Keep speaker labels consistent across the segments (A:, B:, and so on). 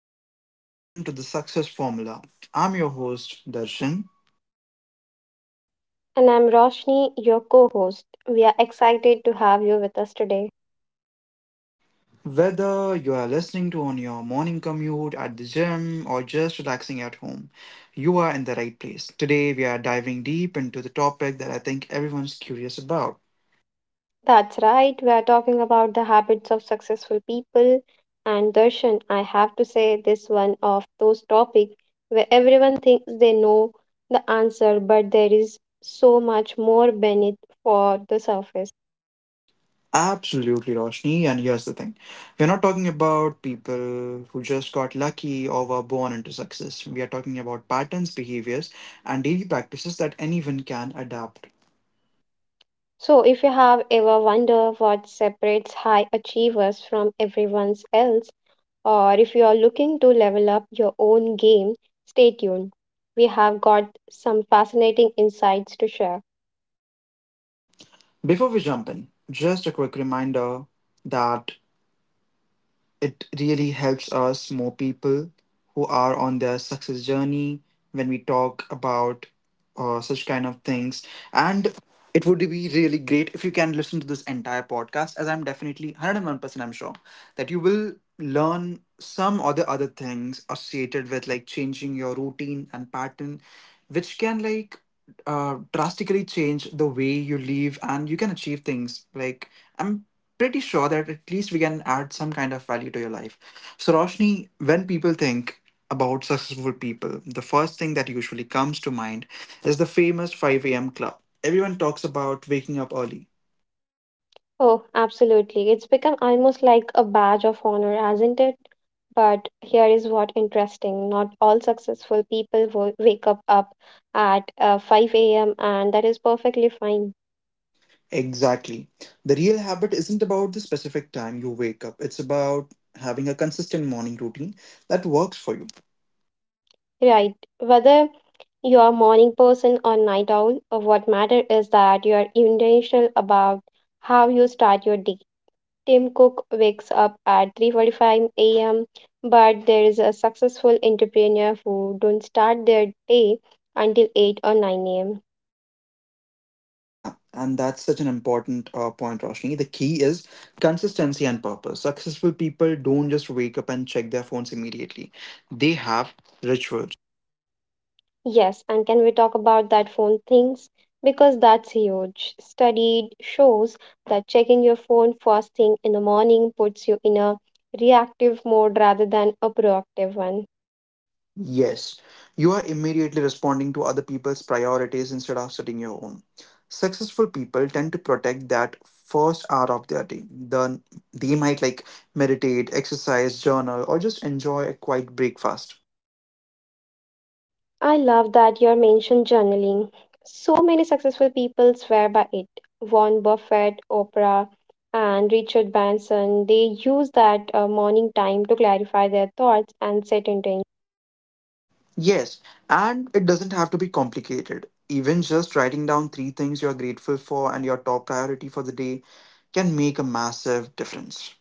A: everyone, and welcome to the Success Formula. I'm your host, Darshan.
B: And I'm Roshni, your co host. We are excited to have you with us today.
A: Whether you are listening to on your morning commute, at the gym, or just relaxing at home, you are in the right place. Today, we are diving deep into the topic that I think everyone's curious about.
B: That's right, we are talking about the habits of successful people. And Darshan, I have to say, this one of those topics where everyone thinks they know the answer, but there is so much more beneath for the surface.
A: Absolutely, Roshni. And here's the thing we're not talking about people who just got lucky or were born into success. We are talking about patterns, behaviors, and daily practices that anyone can adapt.
B: So, if you have ever wondered what separates high achievers from everyone else, or if you are looking to level up your own game, stay tuned. We have got some fascinating insights to share.
A: Very true. Before we jump in, just a quick reminder that it really helps us more people who are on their success journey when we talk about such kind of things. And it would be really great if you can listen to this entire podcast, as I'm definitely 101% I'm sure that you will learn some or the other things associated with like changing your routine and pattern, which can like drastically change the way you live and you can achieve things. Like, I'm pretty sure that at least we can add some kind of value to your life. So, Roshni, when people think about successful people, the first thing that usually comes to mind is the famous 5 a.m. club. Everyone talks about waking up early.
B: Oh, absolutely. It's become almost like a badge of honor, hasn't it? But here is what interesting. Not all successful people wake up at 5 a.m. and that is perfectly fine.
A: Exactly. The real habit isn't about the specific time you wake up, it's about having a consistent morning routine that works for you.
B: Right. Whether you are a morning person or night owl, what matter is that you are intentional about how you start your day. Tim Cook wakes up at 3:45 a.m., but there is a successful entrepreneur who don't start their day until 8 or 9 a.m.
A: Yeah, and that's such an important point, Roshni. The key is consistency and purpose. Successful people don't just wake up and check their phones immediately, they have rituals.
B: Yes, and can we talk about that phone things? Because that's huge. Study shows that checking your phone first thing in the morning puts you in a reactive mode rather than a proactive one.
A: Yes, you are immediately responding to other people's priorities instead of setting your own. Successful people tend to protect that first hour of their day. Then they might like meditate, exercise, journal, or just enjoy a quiet breakfast.
B: I love that you mentioned journaling. So many successful people swear by it. Warren Buffett, Oprah, and Richard Branson, they use that morning time to clarify their thoughts and set intentions.
A: Yes, and it doesn't have to be complicated. Even just writing down three things you're grateful for and your top priority for the day can make a massive difference.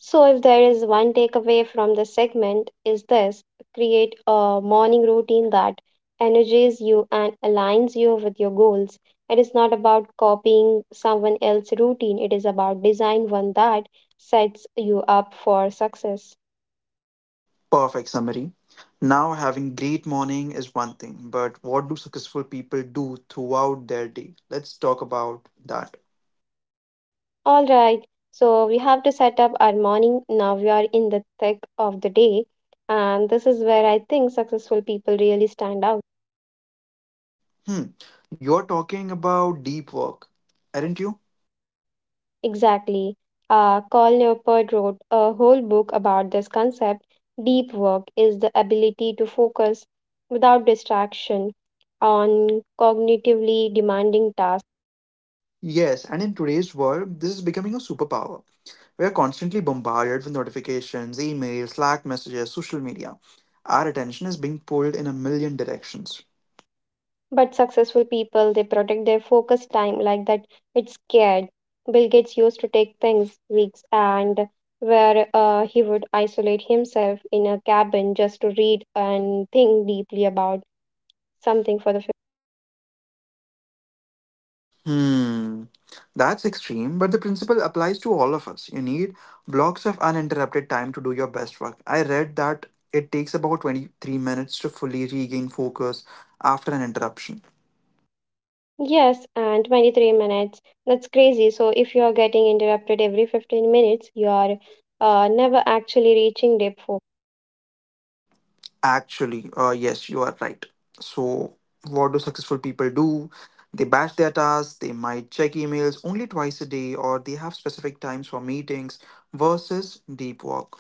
B: So if there is one takeaway from the segment is this, create a morning routine that energizes you and aligns you with your goals. It is not about copying someone else's routine. It is about design one that sets you up for success.
A: Perfect summary. Now, having great morning is one thing, but what do successful people do throughout their day? Let's talk about that.
B: All right. So we have to set up our morning. Now we are in the thick of the day. And this is where I think successful people really stand out.
A: Hmm, you're talking about deep work, aren't you?
B: Exactly. Carl Neupert wrote a whole book about this concept. Deep work is the ability to focus without distraction on cognitively demanding tasks.
A: Yes, and in today's world, this is becoming a superpower. We are constantly bombarded with notifications, emails, Slack messages, social media. Our attention is being pulled in a million directions.
B: But successful people, they protect their focus time like that. It's scared. Bill Gates used to take things weeks and where he would isolate himself in a cabin just to read and think deeply about something for the
A: Hmm, that's extreme, but the principle applies to all of us. You need blocks of uninterrupted time to do your best work. I read that it takes about 23 minutes to fully regain focus after an interruption.
B: yes, and 23 minutes, that's crazy. So if you are getting interrupted every 15 minutes, you are never actually reaching deep.
A: Actually, yes, you are right. So, what do successful people do? They batch their tasks, they might check emails only twice a day, or they have specific times for meetings versus deep work.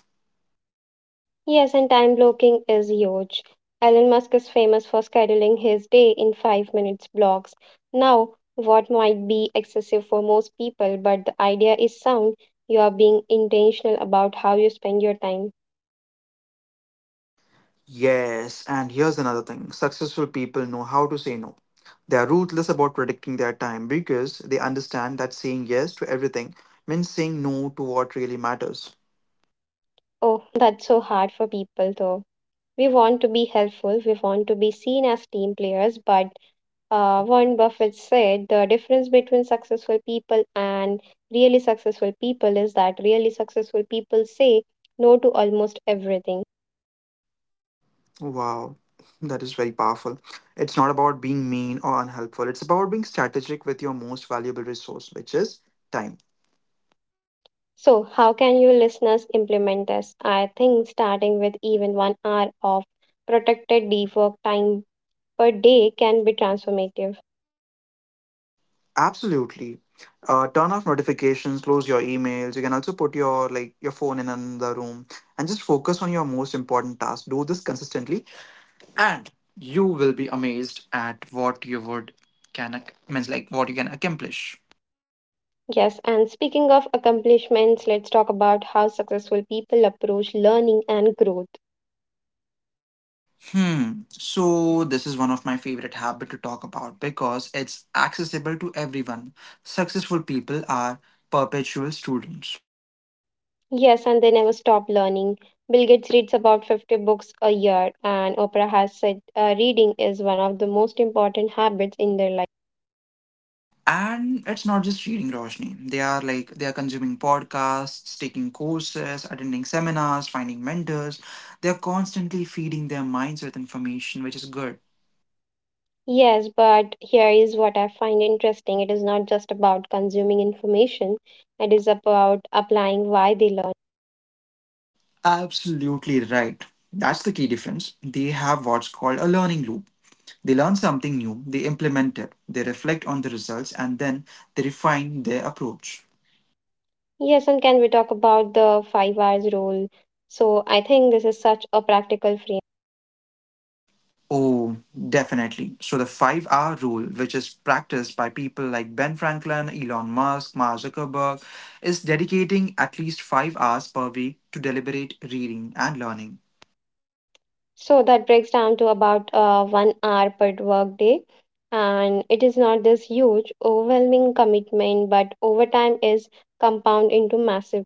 B: Yes, and time blocking is huge. Elon Musk is famous for scheduling his day in 5 minutes blocks. Now, what might be excessive for most people, but the idea is sound. You are being intentional about how you spend your time.
A: Yes, and here's another thing successful people know how to say no. They are ruthless about predicting their time because they understand that saying yes to everything means saying no to what really matters.
B: Oh, that's so hard for people though. We want to be helpful, we want to be seen as team players, but Warren Buffett said the difference between successful people and really successful people is that really successful people say no to almost everything.
A: Wow, that is very powerful. It's not about being mean or unhelpful, it's about being strategic with your most valuable resource, which is time.
B: So, how can you listeners implement this? I think starting with even 1 hour of protected deep work time per day can be transformative.
A: Absolutely. Turn off notifications, close your emails. You can also put your phone in another room and just focus on your most important task. Do this consistently, and you will be amazed at what you would can ac- means like what you can accomplish.
B: Yes, and speaking of accomplishments, let's talk about how successful people approach learning and growth.
A: Hmm. So this is one of my favorite habit to talk about because it's accessible to everyone. Successful people are perpetual students.
B: Yes, and they never stop learning. Bill Gates reads about 50 books a year, and Oprah has said reading is one of the most important habits in their life.
A: And it's not just reading Roshni. They are consuming podcasts, taking courses, attending seminars, finding mentors. They are constantly feeding their minds with information, which is good.
B: Yes, but here is what I find interesting, it is not just about consuming information, it is about applying why they learn.
A: Absolutely right. That's the key difference. They have what's called a learning loop. They learn something new, they implement it, they reflect on the results, and then they refine their approach.
B: Yes, and can we talk about the 5 hours rule? So I think this is such a practical.
A: Oh, definitely. So, the five R rule, which is practiced by people like Ben Franklin, Elon Musk, Mark Zuckerberg, is dedicating at least 5 hours per week to deliberate reading and learning.
B: So that breaks down to about 1 hour per workday. And it is not this huge, overwhelming commitment, but overtime is compound into massive.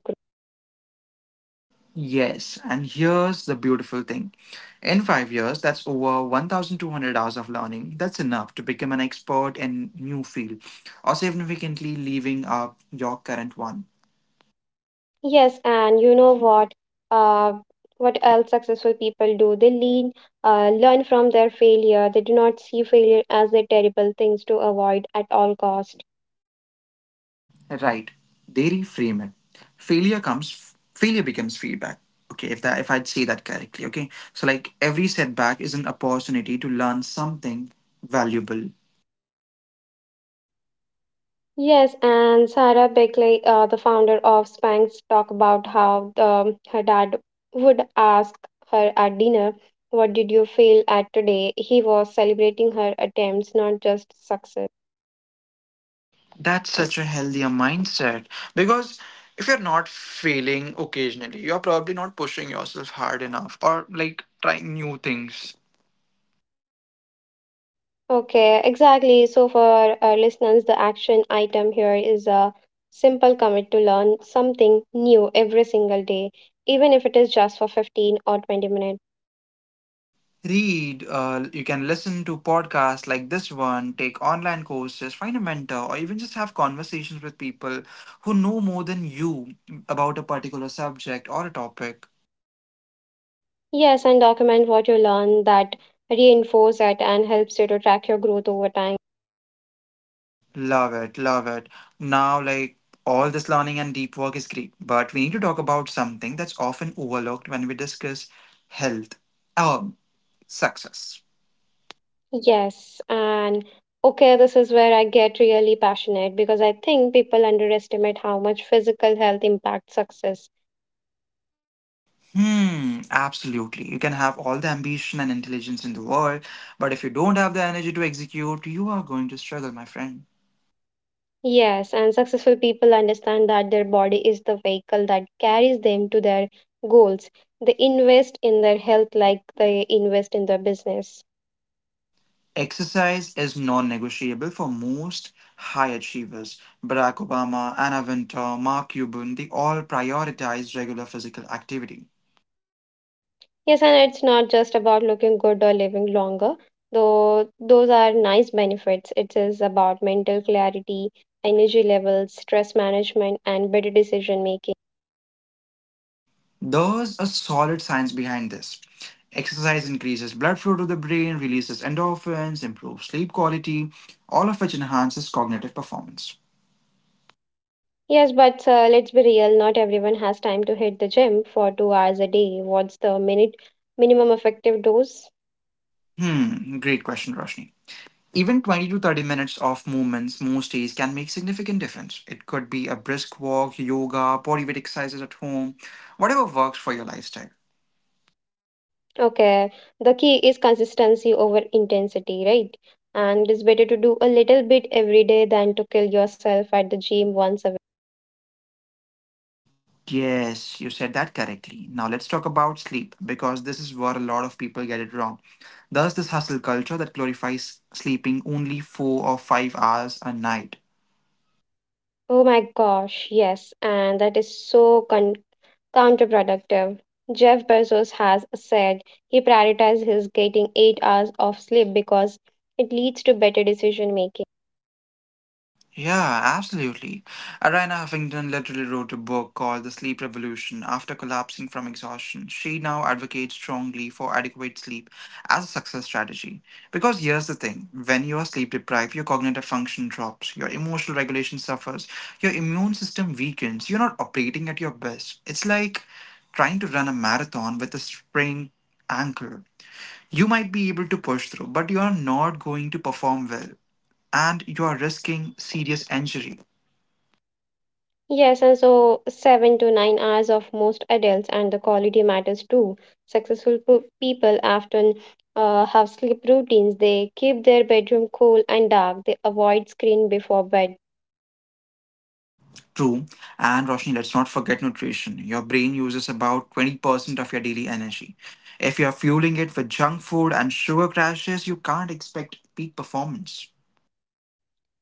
A: Yes, and here's the beautiful thing. In 5 years, that's over 1,200 hours of learning. That's enough to become an expert in new field or significantly leaving up your current one.
B: Yes, and you know what? Uh, what else successful people do? They learn from their failure. They do not see failure as the terrible things to avoid at all cost.
A: Right. They reframe it. Failure comes, failure becomes feedback. Okay, if that if I'd say that correctly, okay. So like every setback is an opportunity to learn something valuable.
B: Yes, and Sarah Beckley, the founder of Spanx, talk about how the, her dad would ask her at dinner, "What did you feel at today?" He was celebrating her attempts, not just success.
A: That's such a healthier mindset because if you're not failing occasionally, you're probably not pushing yourself hard enough or like trying new things.
B: Okay, exactly. So for our listeners, the action item here is a simple commit to learn something new every single day, even if it is just for 15 or 20 minutes.
A: Read, you can listen to podcasts like this one, take online courses, find a mentor, or even just have conversations with people who know more than you about a particular subject or a topic.
B: Yes, and document what you learn, that reinforce it and helps you to track your growth over time.
A: Love it, love it. Now, like all this learning and deep work is great, but we need to talk about something that's often overlooked when we discuss health, um, success.
B: Yes, and okay, this is where I get really passionate because I think people underestimate how much physical health impacts success.
A: Absolutely. You can have all the ambition and intelligence in the world, but if you don't have the energy to execute, you are going to struggle, my friend.
B: Yes, and successful people understand that their body is the vehicle that carries them to their goals. They invest in their health like they invest in their business.
A: Exercise is non negotiable for most high achievers. Barack Obama, Anna Wintour, Mark Cuban, they all prioritize regular physical activity.
B: Yes, and it's not just about looking good or living longer, though those are nice benefits. It is about mental clarity, energy levels, stress management, and better decision making.
A: There's a solid science behind this. Exercise increases blood flow to the brain, releases endorphins, improves sleep quality, all of which enhances cognitive performance.
B: Yes, but let's be real, not everyone has time to hit the gym for 2 hours a day. What's the minute minimum effective dose?
A: Great question, Roshni. Even 20 to 30 minutes of movements most days can make significant difference. It could be a brisk walk, yoga, body weight exercises at home, whatever works for your lifestyle.
B: Okay, the key is consistency over intensity, right? And it's better to do a little bit every day than to kill yourself at the gym once a week.
A: Yes, you said that correctly. Now let's talk about sleep because this is where a lot of people get it wrong. There's this hustle culture that glorifies sleeping only 4 or 5 hours a night.
B: Oh my gosh, yes, and that is so counterproductive. Jeff Bezos has said he prioritizes his getting 8 hours of sleep because it leads to better decision making.
A: Yeah, absolutely. Ariana Huffington literally wrote a book called The Sleep Revolution after collapsing from exhaustion. She now advocates strongly for adequate sleep as a success strategy. Because here's the thing when you are sleep deprived, your cognitive function drops, your emotional regulation suffers, your immune system weakens, you're not operating at your best. It's like trying to run a marathon with a sprained ankle. You might be able to push through, but you are not going to perform well and you are risking serious injury.
B: Yes, and so 7 to 9 hours of most adults, and the quality matters too. Successful people often have sleep routines. They keep their bedroom cool and dark. They avoid screen before bed.
A: True, and Roshni, let's not forget nutrition. Your brain uses about 20% of your daily energy. If you're fueling it with junk food and sugar crashes, you can't expect peak performance.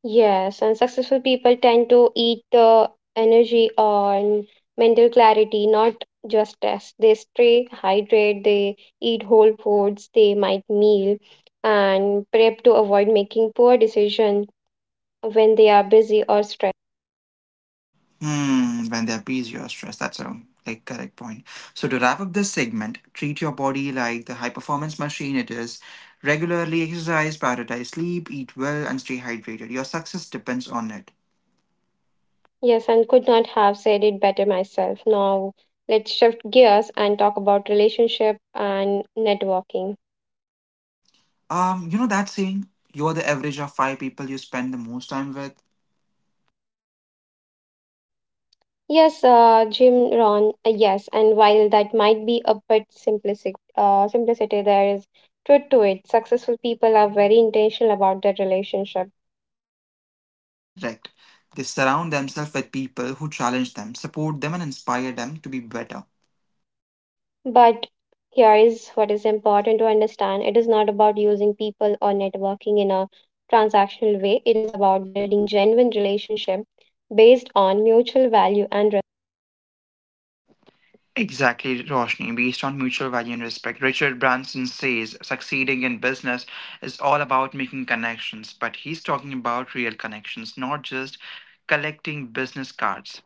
B: Yes, and successful people tend to eat the energy on mental clarity, not just test. They stay hydrate. They eat whole foods. They might meal and prep to avoid making poor decision when they are busy or stressed.
A: When there appease your stress, that's a like correct point. So to wrap up this segment, treat your body like the high performance machine it is. Regularly exercise, prioritize sleep, eat well, and stay hydrated. Your success depends on it.
B: Yes, and could not have said it better myself. Now, let's shift gears and talk about relationship and networking.
A: You know that saying, you're the average of five people you spend the most time with?
B: Yes, Jim Ron, yes, and while that might be a bit simplistic, simplicity, there is truth to it. Successful people are very intentional about their relationship.
A: Correct. They surround themselves with people who challenge them, support them, and inspire them to be better.
B: But here is what is important to understand. It is not about using people or networking in a transactional way. It is about building genuine relationship based on mutual value and
A: Exactly, Roshni. Based on mutual value and respect, Richard Branson says succeeding in business is all about making connections, but he's talking about real connections, not just collecting business cards.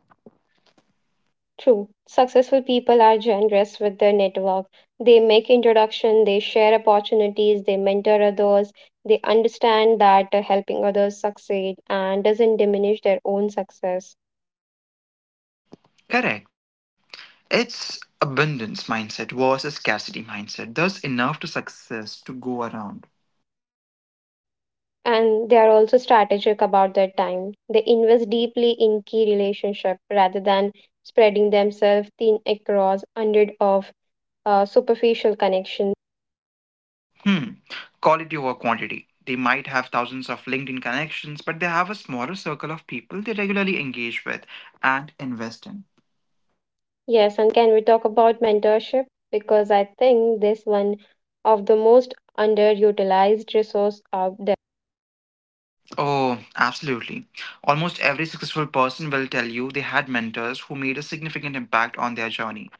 B: true, successful people are generous with their network. They make introduction, they share opportunities, they mentor others, they understand that helping others succeed and doesn't diminish their own success.
A: Correct. It's abundance mindset versus scarcity mindset. There's enough to success to go around.
B: And they are also strategic about their time. They invest deeply in key relationship rather than spreading themselves thin across hundred of superficial connections.
A: Hmm. Quality over quantity. They might have thousands of LinkedIn connections, but they have a smaller circle of people they regularly engage with and invest in.
B: Yes, and can we talk about mentorship? Because I think this one of the most underutilized resource out there.
A: Oh, absolutely. Almost every successful person will tell you they had mentors who made a significant impact on their journey.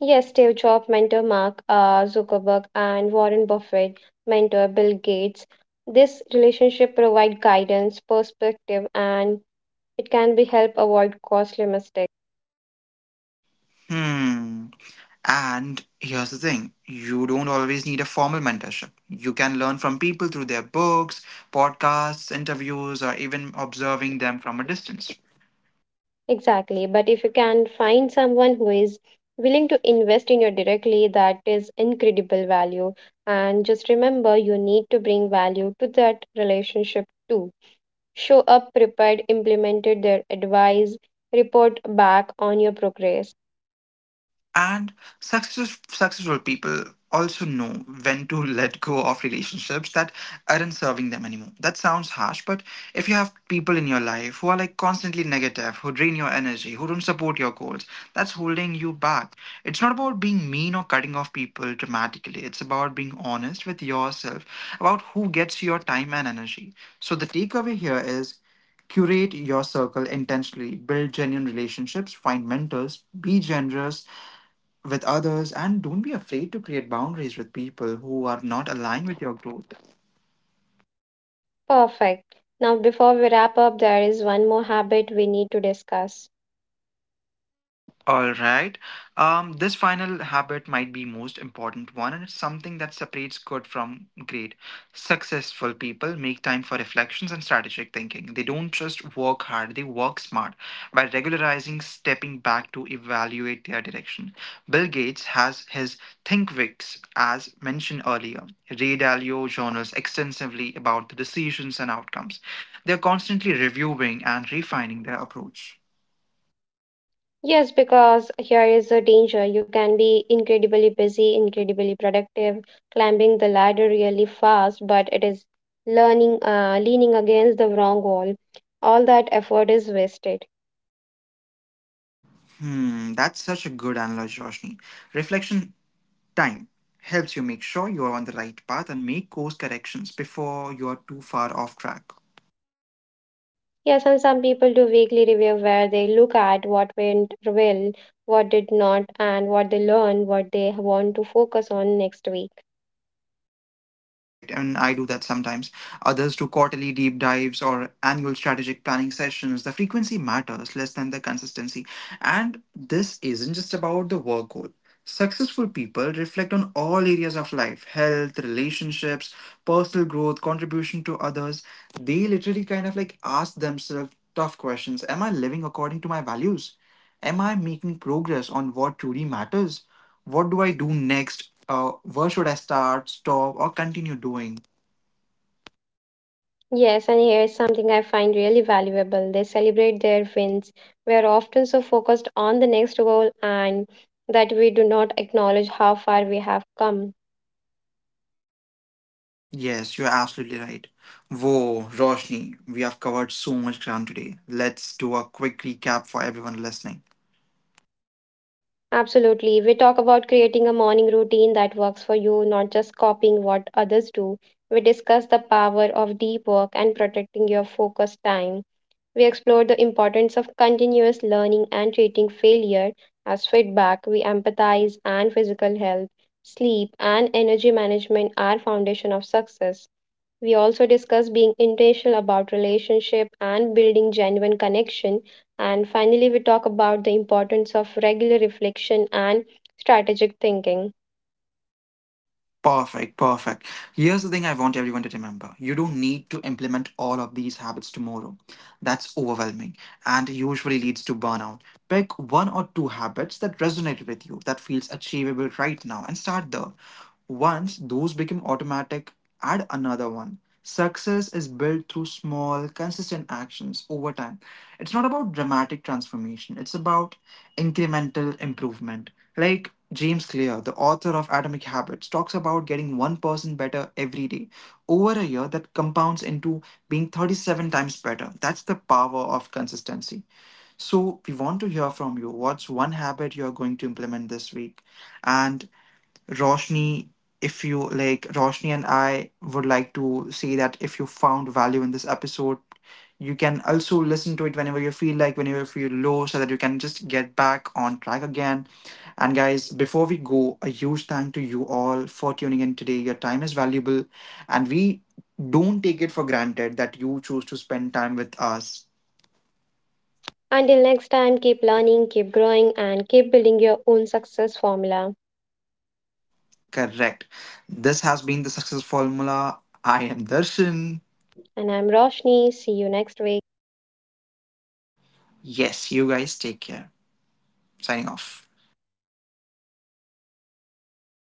B: Yes, Steve Jobs mentor Mark Zuckerberg and Warren Buffett mentor Bill Gates. This relationship provide guidance, perspective, and it can be help avoid costly mistakes.
A: Hmm. And here's the thing you don't always need a formal mentorship. You can learn from people through their books, podcasts, interviews, or even observing them from a distance.
B: Exactly. But if you can find someone who is willing to invest in you directly, that is incredible value. And just remember, you need to bring value to that relationship too. Show up prepared, implemented their advice, report back on your progress.
A: And successful people also know when to let go of relationships that aren't serving them anymore. That sounds harsh, but if you have people in your life who are like constantly negative, who drain your energy, who don't support your goals, that's holding you back. It's not about being mean or cutting off people dramatically. It's about being honest with yourself about who gets your time and energy. So the takeaway here is curate your circle intentionally build genuine relationships find mentors be generous with others and don't be afraid to create boundaries with people who are not aligned with your growth.
B: Perfect. Now, before we wrap up, there is one more habit we need to discuss.
A: All right. This final habit might be most important one, and it's something that separates good from great. Successful people make time for reflections and strategic thinking. They don't just work hard; they work smart by regularizing stepping back to evaluate their direction. Bill Gates has his ThinkWix, as mentioned earlier. Ray Dalio journals extensively about the decisions and outcomes. They're constantly reviewing and refining their approach.
B: Yes, because here is a danger. You can be incredibly busy, incredibly productive, climbing the ladder really fast, but it is leaning against the wrong wall. All that effort is wasted.
A: That's such a good analogy, Roshni. Reflection time helps you make sure you are on the right path and make course corrections before you are too far off track.
B: Yes, and some people do weekly review where they look at what went well, what did not, and what they learned, what they want to focus on next week.
A: Correct, and I do that sometimes. Others do quarterly deep dives or annual strategic planning sessions. The frequency matters less than the consistency. And this isn't just about the work goal. Successful people reflect on all areas of life health, relationships, personal growth, contribution to others. They literally kind of like ask themselves tough questions Am I living according to my values? Am I making progress on what truly matters? What do I do next? Where should I start, stop, or continue doing?
B: Yes, and here is something I find really valuable. They celebrate their wins. We are often so focused on the next goal and that we do not acknowledge how far we have come.
A: Yes, you're absolutely right. Whoa, Roshni, we have covered so much ground today. Let's do a quick recap for everyone listening.
B: Absolutely. We talk about creating a morning routine that works for you, not just copying what others do. We discuss the power of deep work and protecting your focus time. We explored the importance of continuous learning and treating failure as feedback. We empathize and physical health, sleep, and energy management are foundation of success. We also discuss being intentional about relationship and building genuine connection. And finally, we talk about the importance of regular reflection and strategic thinking.
A: Perfect, perfect. Here's the thing I want everyone to remember you don't need to implement all of these habits tomorrow. That's overwhelming and usually leads to burnout. Pick one or two habits that resonate with you, that feels achievable right now, and start there. Once those become automatic, add another one. Success is built through small, consistent actions over time. It's not about dramatic transformation, it's about incremental improvement. Like James Clear, the author of Atomic Habits, talks about getting 1% better every day over a year that compounds into being 37 times better. That's the power of consistency. So, we want to hear from you. What's one habit you're going to implement this week? And Roshni, if you like, Roshni and I would like to say that if you found value in this episode, you can also listen to it whenever you feel like, whenever you feel low, so that you can just get back on track again. And guys, before we go, a huge thank to you all for tuning in today. Your time is valuable, and we don't take it for granted that you choose to spend time with us.
B: Until next time, keep learning, keep growing, and keep building your own success formula.
A: Correct. This has been the success formula. I am Darshan.
B: And I'm Roshni. See you next week.
A: Yes, you guys take care. Signing off.